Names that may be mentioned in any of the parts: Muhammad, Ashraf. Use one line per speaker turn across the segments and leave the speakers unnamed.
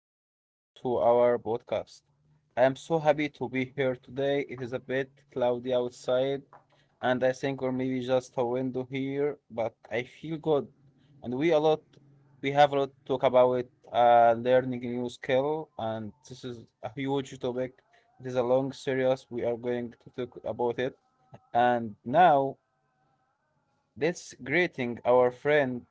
welcome back to our podcast. I am so happy to be here today. It is a bit cloudy outside, and I think or maybe just a window here, but I feel good. And we have a lot to talk about learning a new skill, and this is a huge topic. It is a long series. We are going to talk about it. And now let's greeting our friend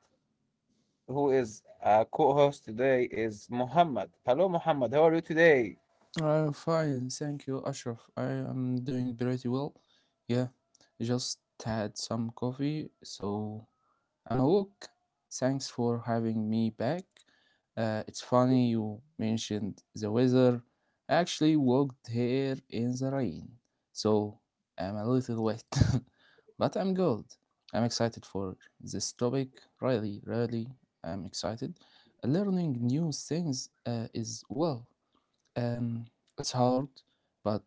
who is a co-host today is Muhammad. Hello, Muhammad. How are you today?
I'm fine, thank you, Ashraf. I am doing pretty well. Yeah, just had some coffee, so I'm awoke. Thanks for having me back. It's funny you mentioned the weather. I actually walked here in the rain, so I'm a little wet, but I'm good. I'm excited for this topic. Really, really, I'm excited. Learning new things is well. Um, it's hard, but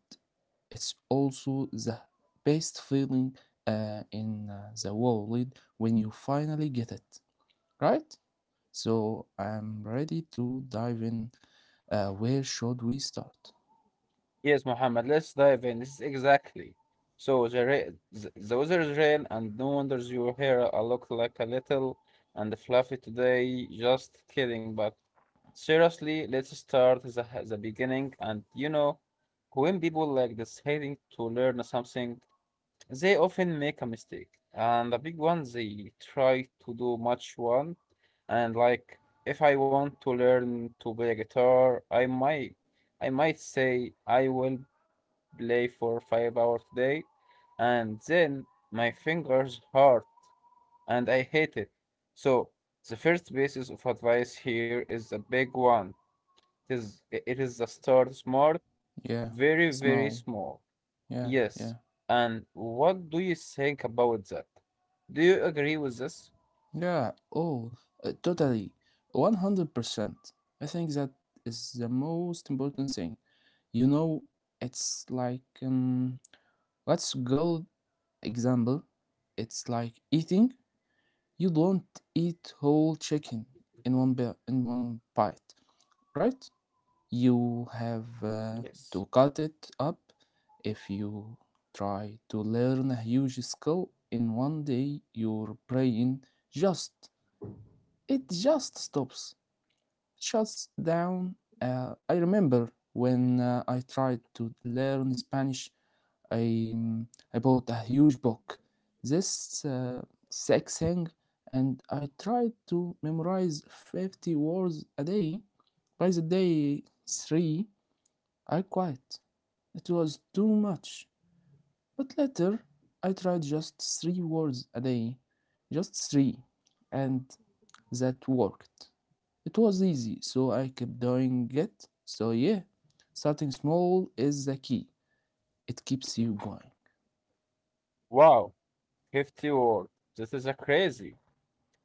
it's also the best feeling in the world when you finally get it, right? So I'm ready to dive in. Where should we start?
Yes, Muhammad. Let's dive in. This is exactly. So the weather is rain, and no wonders your hair look like a little and fluffy today. Just kidding, but seriously, let's start the beginning. And when people like deciding to learn something. They often make a mistake, and the big one they try to do much one, and like if I want to learn to play guitar, I might say I will play for 5 hours today, and then my fingers hurt and I hate it. So the first basis of advice here is the big one. It is the start smart,
Yeah,
very very
small.
small.
Yeah,
Yes.
yeah.
And what do you think about that? Do you agree with this?
Yeah, oh, totally. 100%. I think that is the most important thing. You know, it's like, let's go Example, it's like eating. You don't eat whole chicken in one bite, right? You have
Yes.
to cut it up. If you try to learn a huge skill in 1 day, your brain just it just stops shuts down. I remember when I tried to learn Spanish, I I bought a huge book, this sex thing, and I tried to memorize 50 words a day. By the day three, I quit. It was too much. But later, I tried just 3 words a day, just three, and that worked. It was easy, so I kept doing it. So, yeah, starting small is the key. It keeps you going.
Wow, 50 words. This is a crazy.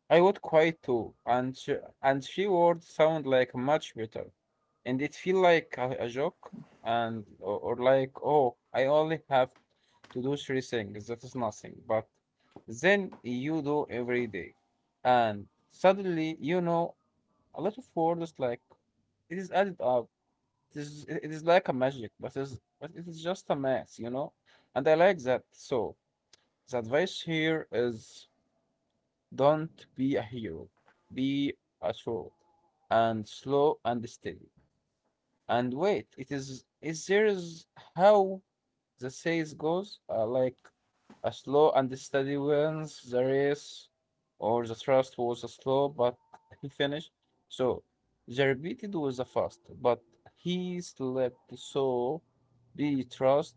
I would quite too. And three words sound like much better. And it feel like a joke and or like, oh, I only have to do three things. That is nothing. But then you do every day. And suddenly you know a lot of words like it is added up. It is like a magic, but it is just a mess, you know? And I like that. So the advice here is don't be a hero. Be a troll and slow and steady. And wait, it is there is how the saying goes, like a slow and steady wins the race, or the thrust was slow, but he finished. So the repeated was a fast, but he slept. So be trust,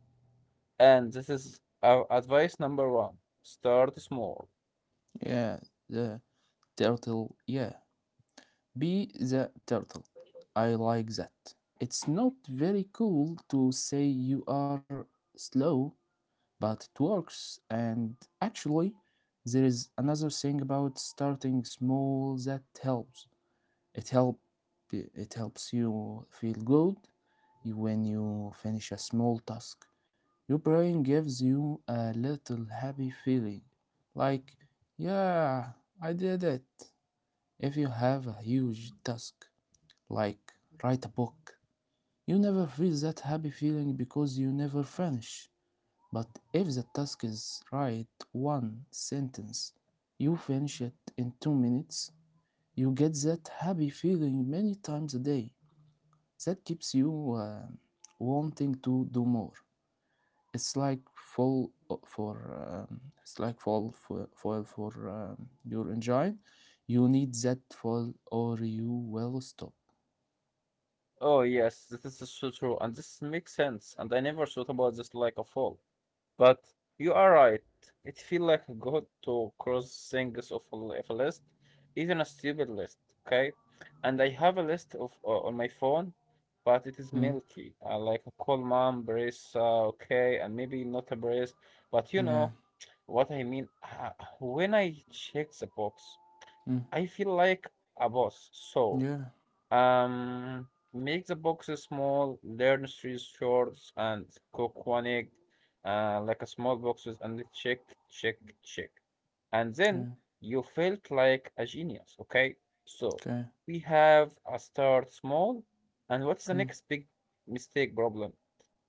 and this is our advice number one: start small.
Yeah, the turtle. Yeah, be the turtle. I like that. It's not very cool to say you are slow, but it works. And actually, there is another thing about starting small that helps. It help it helps you feel good when you finish a small task. Your brain gives you a little happy feeling, like, yeah, I did it. If you have a huge task, like write a book, you never feel that happy feeling because you never finish. But if the task is write one sentence, you finish it in 2 minutes, you get that happy feeling many times a day. That keeps you wanting to do more. It's like fall o- for it's like fall for foil for your engine. You need that foil or you will stop.
Oh yes, this is so true, and this makes sense. And I never thought about this like a fall. But you are right. It feels like good to cross things off off a list, even a stupid list. Okay, and I have a list of on my phone, but it is
Mm,
milky. I like a call mom, brace. Okay, and maybe not a brace, but you
yeah.
know what I mean. When I check the box,
Mm,
I feel like a boss. So.
yeah.
Um, Make the boxes small, learn three shorts, and cook one egg, like a small boxes, and then check, check, check. And then
Yeah.
you felt like a genius, okay? So
Okay.
we have a start small, and what's the
Mm,
next big mistake problem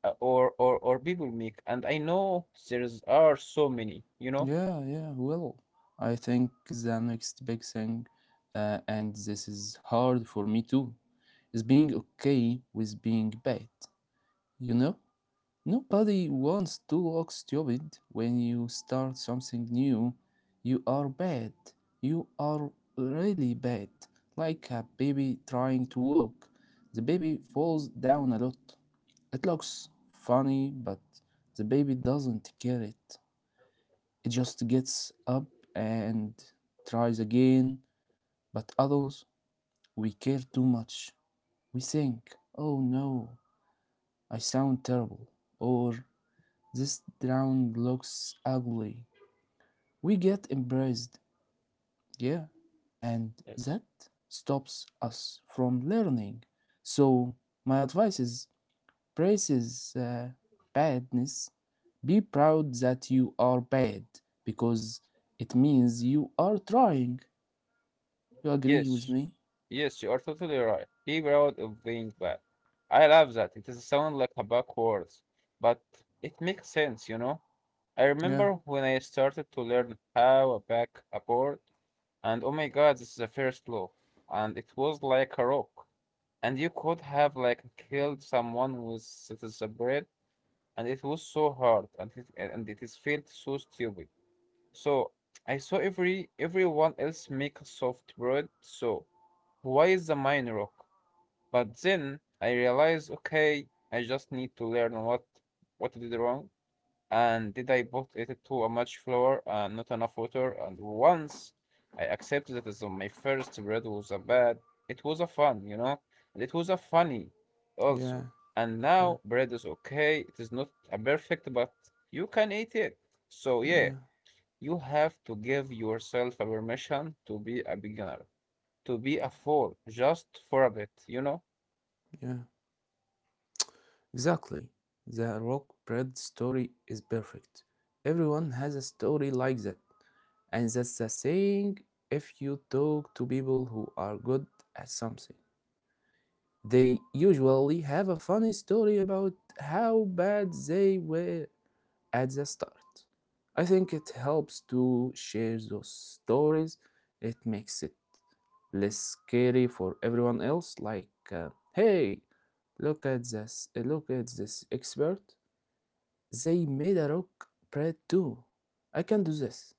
or people make? And I know there's are so many, you know?
yeah. Yeah. Well, I think the next big thing, and this is hard for me too, is being okay with being bad. You know. Nobody wants to look stupid when you start something new. You are bad. You are really bad. Like a baby trying to walk. The baby falls down a lot. It looks funny, but the baby doesn't care it. It just gets up and tries again. But others, we care too much. We think, oh no, I sound terrible. Or this drawing looks ugly. We get embarrassed, yeah, and
Yes.
that stops us from learning. So, my advice is braces badness. Be proud that you are bad because it means you are trying. You agree with
Yes,
me?
yes, you are totally right. Be proud of being bad. I love that. It doesn't sound like a backwards, but it makes sense, you know? I
Yeah,
remember when I started to learn how a back a board, and oh my god, this is the first law. And it was like a rock. And you could have like killed someone with it is a bread, and it was so hard, and it is felt so stupid. So I saw everyone else make a soft bread, so why is the mine rock? But then I realized, okay, I just need to learn what I did wrong and did I put it to a much flour and not enough water. And once I accepted that as my first bread was a bad, it was a fun, and it was a funny also.
yeah,
And
yeah,
now bread is okay. It is not a perfect, but you can eat it. So yeah,
yeah,
you have to give yourself a permission to be a beginner, to be a fool, just for a bit.
yeah. Exactly. The rock bread story is perfect. Everyone has a story like that. And that's the saying if you talk to people who are good at something, they usually have a funny story about how bad they were at the start. I think it helps to share those stories. It makes it less scary for everyone else, like, hey, look at this expert they made a rock bread too. I can do this.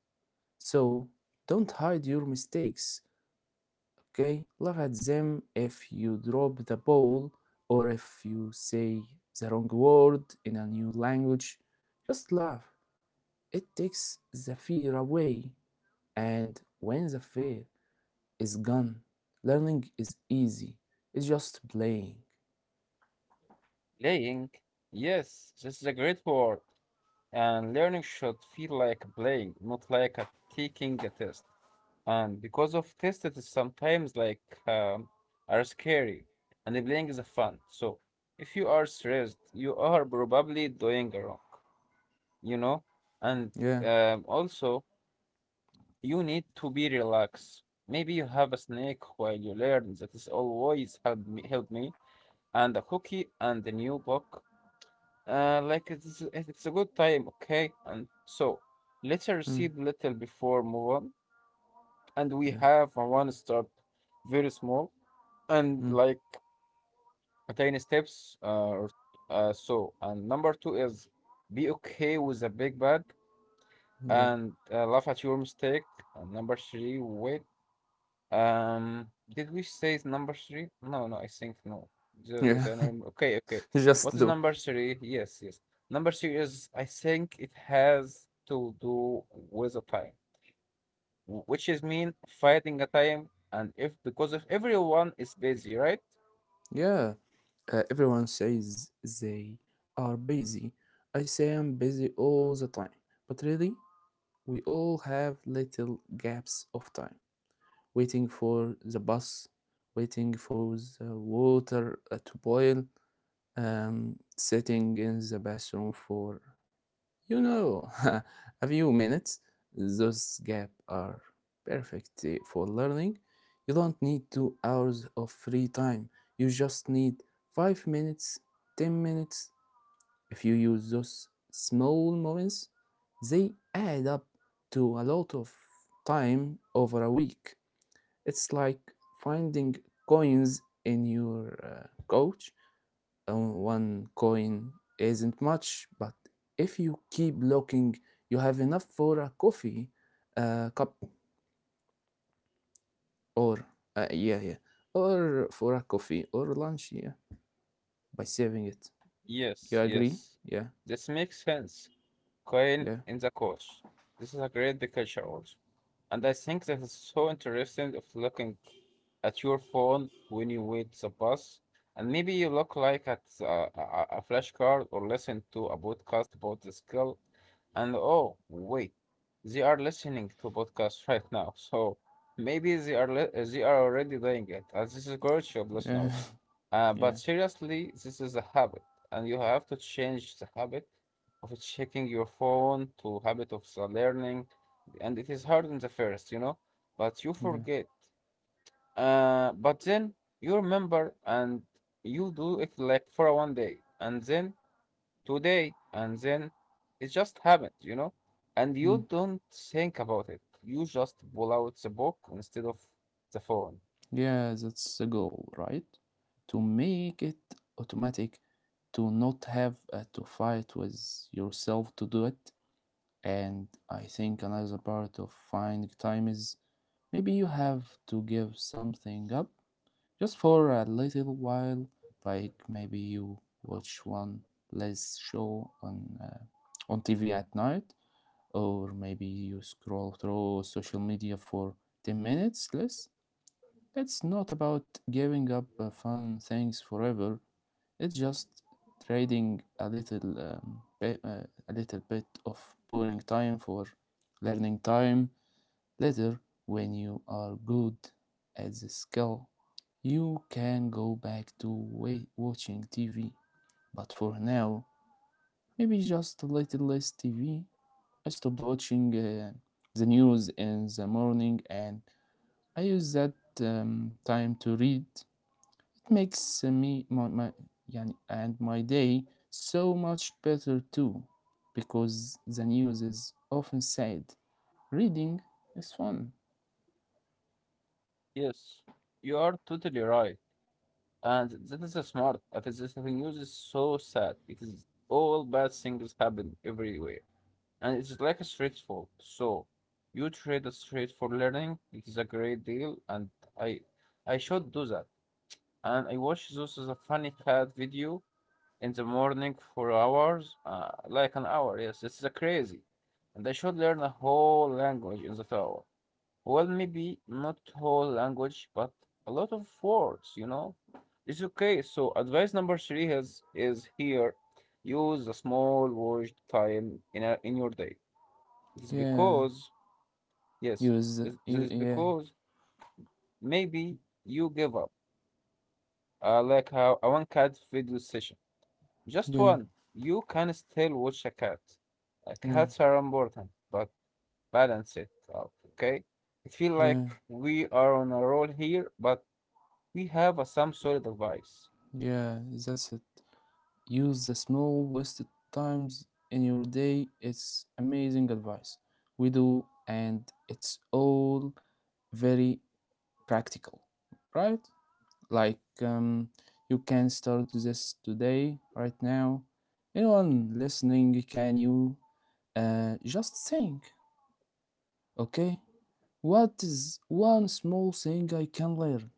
So don't hide your mistakes, okay? Laugh at them if you drop the ball or if you say the wrong word in a new language. Just laugh. It takes the fear away. And when the fear is gone, learning is easy. It's just playing.
Playing? Yes, this is a great word. And learning should feel like playing, not like a taking a test. And because of test, it is sometimes like um, are scary, and the playing is a fun. So if you are stressed, you are probably doing wrong, you know. And
Yeah.
also, you need to be relaxed. Maybe you have a snack while you learn. That is always help me, help me. And a cookie and a new book. Like it's a good time, okay. And so let's
Mm.
recede little before move on. And we
Yeah.
have a one step, very small, and
Mm.
like a tiny steps. So and number two is be okay with a big bad
Yeah.
and laugh at your mistake. And number three, wait. Did we say it's number three? No, no, I think no. Is
Yeah.
an okay, okay.
just
What is
do.
number three? Yes, yes. Number three is I think it has to do with the time, which is mean fighting a time, and if because if everyone is busy, right?
Yeah, everyone says they are busy. I say I'm busy all the time. But really, we all have little gaps of time. Waiting for the bus, waiting for the water to boil, sitting in the bathroom for you know, a few minutes, those gaps are perfect for learning. You don't need 2 hours of free time. You just need 5 minutes, 10 minutes. If you use those small moments, they add up to a lot of time over a week. It's like finding coins in your couch on one coin isn't much, but if you keep looking, you have enough for a coffee uh, cup or uh, yeah, yeah, or for a coffee or lunch, yeah, by saving it.
Yes,
You agree?
yes.
Yeah,
This makes sense. Coin
yeah,
in the coach. This is a great culture also. And I think that is so interesting of looking at your phone when you wait the bus, and maybe you look like at a flashcard or listen to a podcast about the skill, and oh wait, they are listening to podcasts right now, so maybe they are already doing it. And this is great job,
yeah,
listeners.
yeah,
But seriously, this is a habit, and you have to change the habit of checking your phone to habit of the learning and it is hard in the first, but you
yeah.
forget. But then you remember and you do it like for one day and then today and then it just happened, and
Mm.
you don't think about it. You just pull out the book instead of the phone.
Yeah, that's the goal, right? To make it automatic, to not have to fight with yourself to do it. And I think another part of finding time is maybe you have to give something up just for a little while, like maybe you watch one less show on TV at night, or maybe you scroll through social media for 10 minutes less. It's not about giving up fun things forever. It's just trading a little bit of boring time for learning time. Later, when you are good at the skill, you can go back to watching TV. But for now, maybe just a little less TV. I stopped watching the news in the morning and I use that time to read makes me my yani, and my day so much better too because the news is often said reading is fun.
Yes, you are totally right. And that is a smart. That is the thing news is so sad. It is all bad things happen everywhere. And it's like a street swap. So you trade a street for learning. It is a great deal, and I I should do that. And I watch those as a funny cat video in the morning for hours, like an hour. Yes, it's a crazy, and I should learn a whole language in that hour. Well, maybe not whole language, but a lot of words. It's okay. So advice number three is here. Use a small word time in your day. It is
Yeah,
because, yes,
use
that
you
is
yeah
because maybe you give up. Like how a one cat video session, just
yeah
one. You can still watch a cat.
yeah
Cats are important, but balance it out, okay? I feel like
yeah
we are on a roll here, but we have some solid advice.
yeah that's it. Use the small wasted times in your day. It's amazing advice we do, and it's all very practical, right? Like, you can start this today, right now. Anyone listening can you just think, okay, what is one small thing I can learn?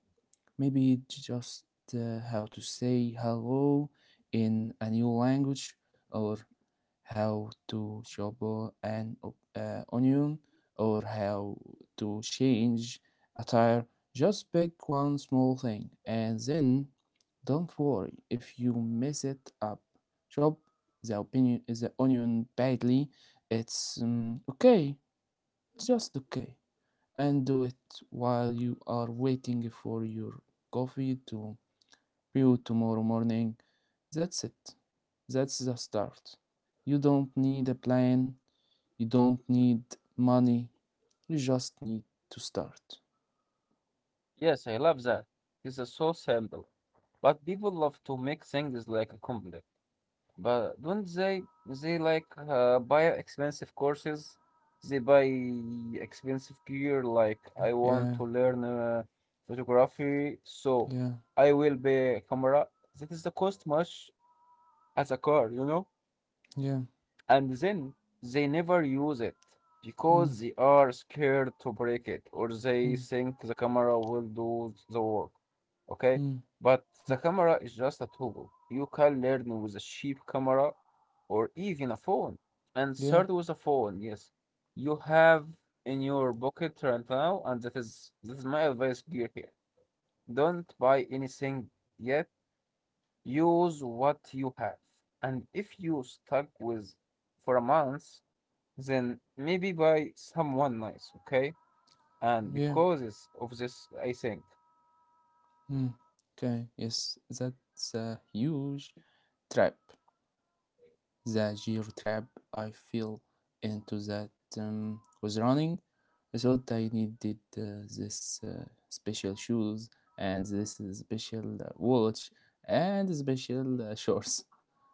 Maybe just how to say hello in a new language, or how to chop an onion, or how to change a tire. Just pick one small thing and then don't worry if you mess it up. Chop the onion badly. It's okay, just okay. And do it while you are waiting for your coffee to brew tomorrow morning. That's it. That's the start. You don't need a plan. You don't need money. You just need to start.
Yes, I love that. It's so simple, but people love to make things like a complex. But don't they like buy expensive courses? They buy expensive gear. Like I want
Yeah,
to learn photography, so
yeah,
I will buy a camera. That is the cost much as a car.
yeah.
And then they never use it
Mm,
because they are scared to break it, or they
mm,
think the camera will do the work. Okay?
mm,
But
mm.
the camera is just a tool. You can learn with a cheap camera or even a phone. And
Yeah,
start with a phone, yes. You have in your pocket right now, and that is my advice gear here. Don't buy anything yet. Use what you have. And if you stuck with for a month, then maybe buy someone nice, okay? And
yeah.
because it's of this, I think.
Mm. Okay, yes, that's a huge trap. The geo trap I fell into that was running. I thought I needed this special shoes and this special watch and special shorts.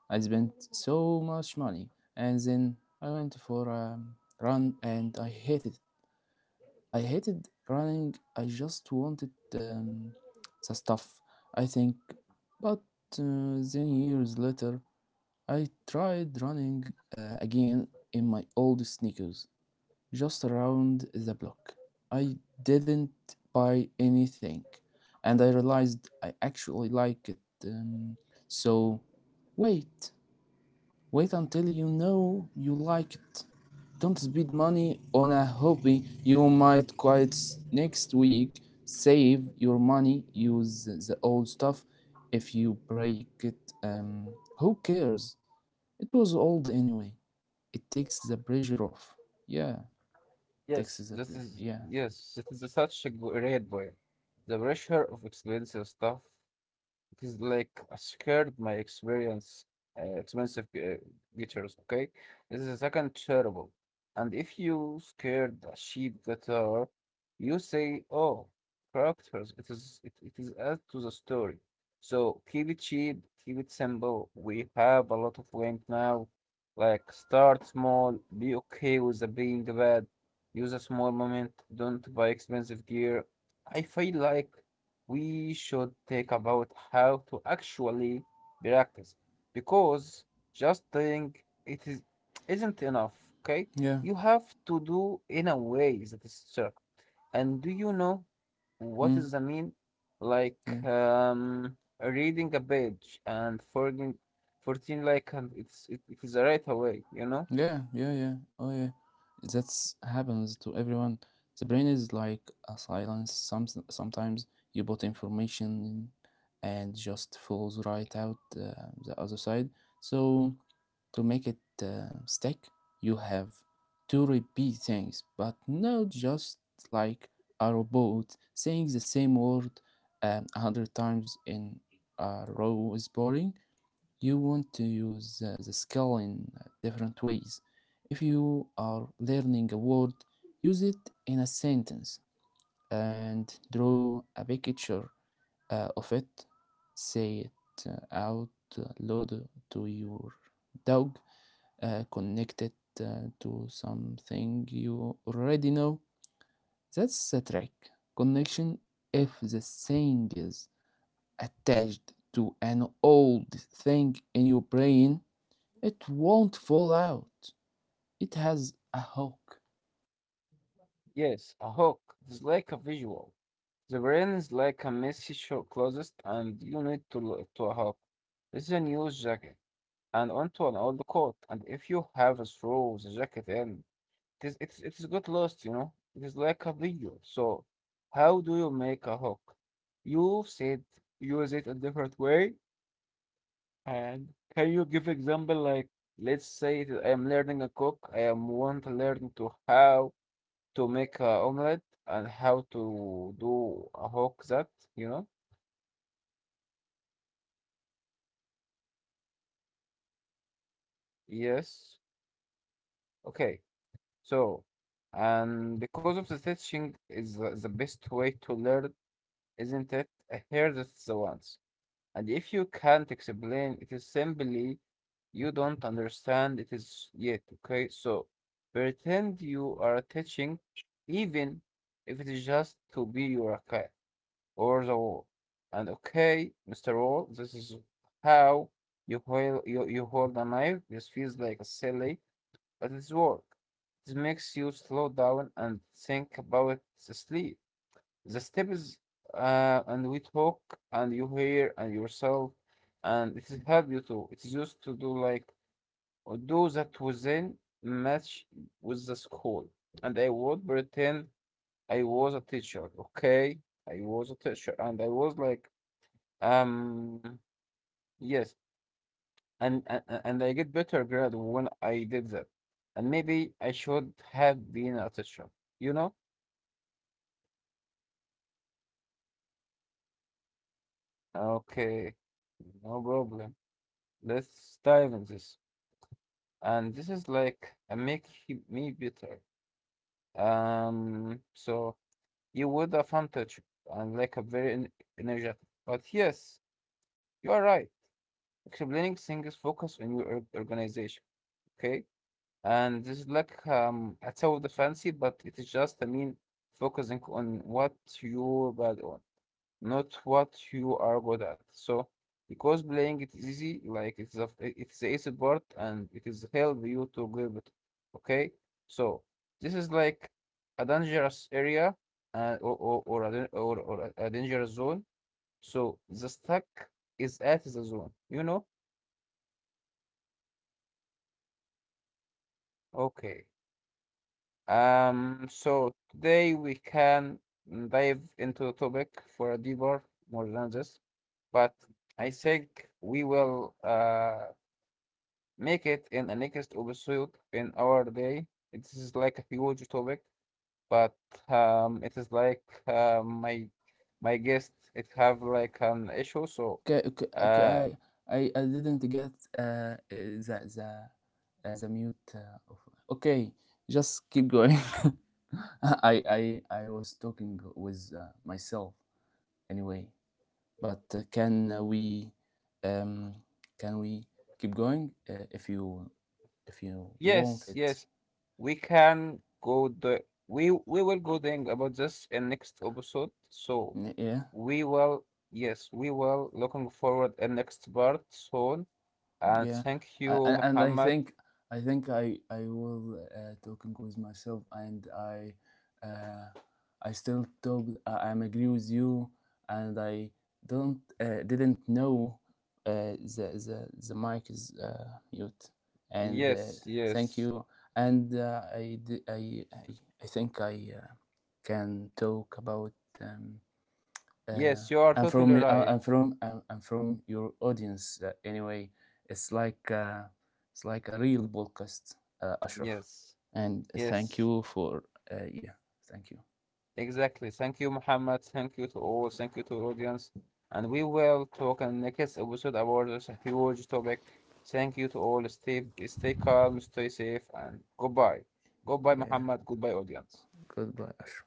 I spent so much money, and then I went for a run and I hated it. I hated running. I just wanted the stuff. I think, but then years later, I tried running again in my old sneakers, just around the block. I didn't buy anything, and I realized I actually like it. Um, so, wait, wait until you know you like it. Don't spend money on a hobby you might quit next week. Save your money, use the old stuff. If you break it, who cares? It was old anyway. It takes the pressure off. Yeah, takes
Yes,
the
this
pressure.
is
Yeah.
yes, it is such a great point. The pressure of expensive stuff it is like a scared my experience, expensive guitars, okay? This is a second terrible. And if you scared a cheap guitar, you say, oh, characters, it is add to the story. So keep it cheap, keep it simple. We have a lot of wind now. Like start small, be okay with the being bad, use a small moment, don't buy expensive gear. I feel like we should think about how to actually practice because just doing it is isn't enough, okay?
Yeah.
You have to do in a way that is certain. And do you know what
Mm.
is the mean, like
Yeah.
reading a page and forging 14, like, and it is right away, you know?
Yeah. Oh, yeah. That's happens to everyone. The brain is like a silence. Sometimes you put information in and just falls right out the other side. So to make it stick, you have to repeat things, but not just like a robot saying the same word 100 times in a row is boring. You want to use the skill in different ways. If you are learning a word, use it in a sentence and draw a picture of it. Say it out loud to your dog, connect it to something you already know. That's the trick. Connection if the saying is attached to an old thing in your brain it won't fall out. It has a hook.
Yes, a hook. It's like a visual. The brain is like a messy show closet, and you need to to hop. This is a new jacket, and onto an old coat. And if you have a throw the jacket in, it is got lost. You know, it is like a video. So, how do you make a hook? You said use it a different way, and can you give example like let's say that I am learning a cook. I am want to learn to how to make a omelette and how to do a hook that you know. Yes. Okay. So, and because of the teaching is the best way to learn, isn't it? Here that's the ones. And if you can't explain, it is simply you don't understand it is yet. Okay. So, pretend you are teaching, even if it is just to be your cat or the wall. And okay, Mr. Wall, this is how you hold a knife. This feels like a silly but it's work. It makes you slow down and think about the sleep, the steps, and we talk, and you hear, and yourself, and it help you too. It is used to do like or do that within match with the school, and I would pretend I was a teacher. Okay, I was a teacher, and I was like, um, yes. And I get better grade when I did that. And maybe I should have been a teacher, you know? Okay, no problem. Let's dive in this. And this is like a make me better. So you would a fun teacher and like a very energetic. But yes, you are right. Explaining things focus on your organization. Okay. And this is like a the fancy, but it is just I mean focusing on what you're bad on, not what you are good at. So because playing it is easy, like it's the easy part and it is help you to give it. Okay, so this is like a dangerous area or a dangerous zone. So the stack is at the zone, you know? Okay. So today we can dive into the topic for a deeper, more than this, but I think we will make it in the next episode in our day. It is like a huge topic, but it is like my guest it have like an issue, so
Okay, okay, okay, I,
uh,
I, I didn't get uh, uh, the, the, the mute. Of... Okay, just keep going. I was talking with myself anyway. But um, can we keep going? If you want
yes,
it,
yes. We can go the we will go then about this in next episode. So
yeah.
we will yes, we will looking forward in next part soon. And
Yeah,
thank
I,
you,
and I
Muhammad.
think I will talking with myself, and uh, I still talk. I'm agree with you, and I don't didn't know the mic is mute, and
Yes,
thank
yes.
you, and I, d- I think I can talk about. Um, uh,
Yes, you are
and from
totally right.
your audience anyway it's like uh, it's like a real podcast Ashraf
Yes.
and thank
Yes.
you for uh, yeah thank you.
Exactly. Thank you, Muhammad. Thank you to all. Thank you to our audience. And we will talk in the next episode about this huge topic. Thank you to all. Stay calm, stay safe, and goodbye. Goodbye,
Yeah,
Muhammad. Goodbye, audience.
goodbye Ashraf.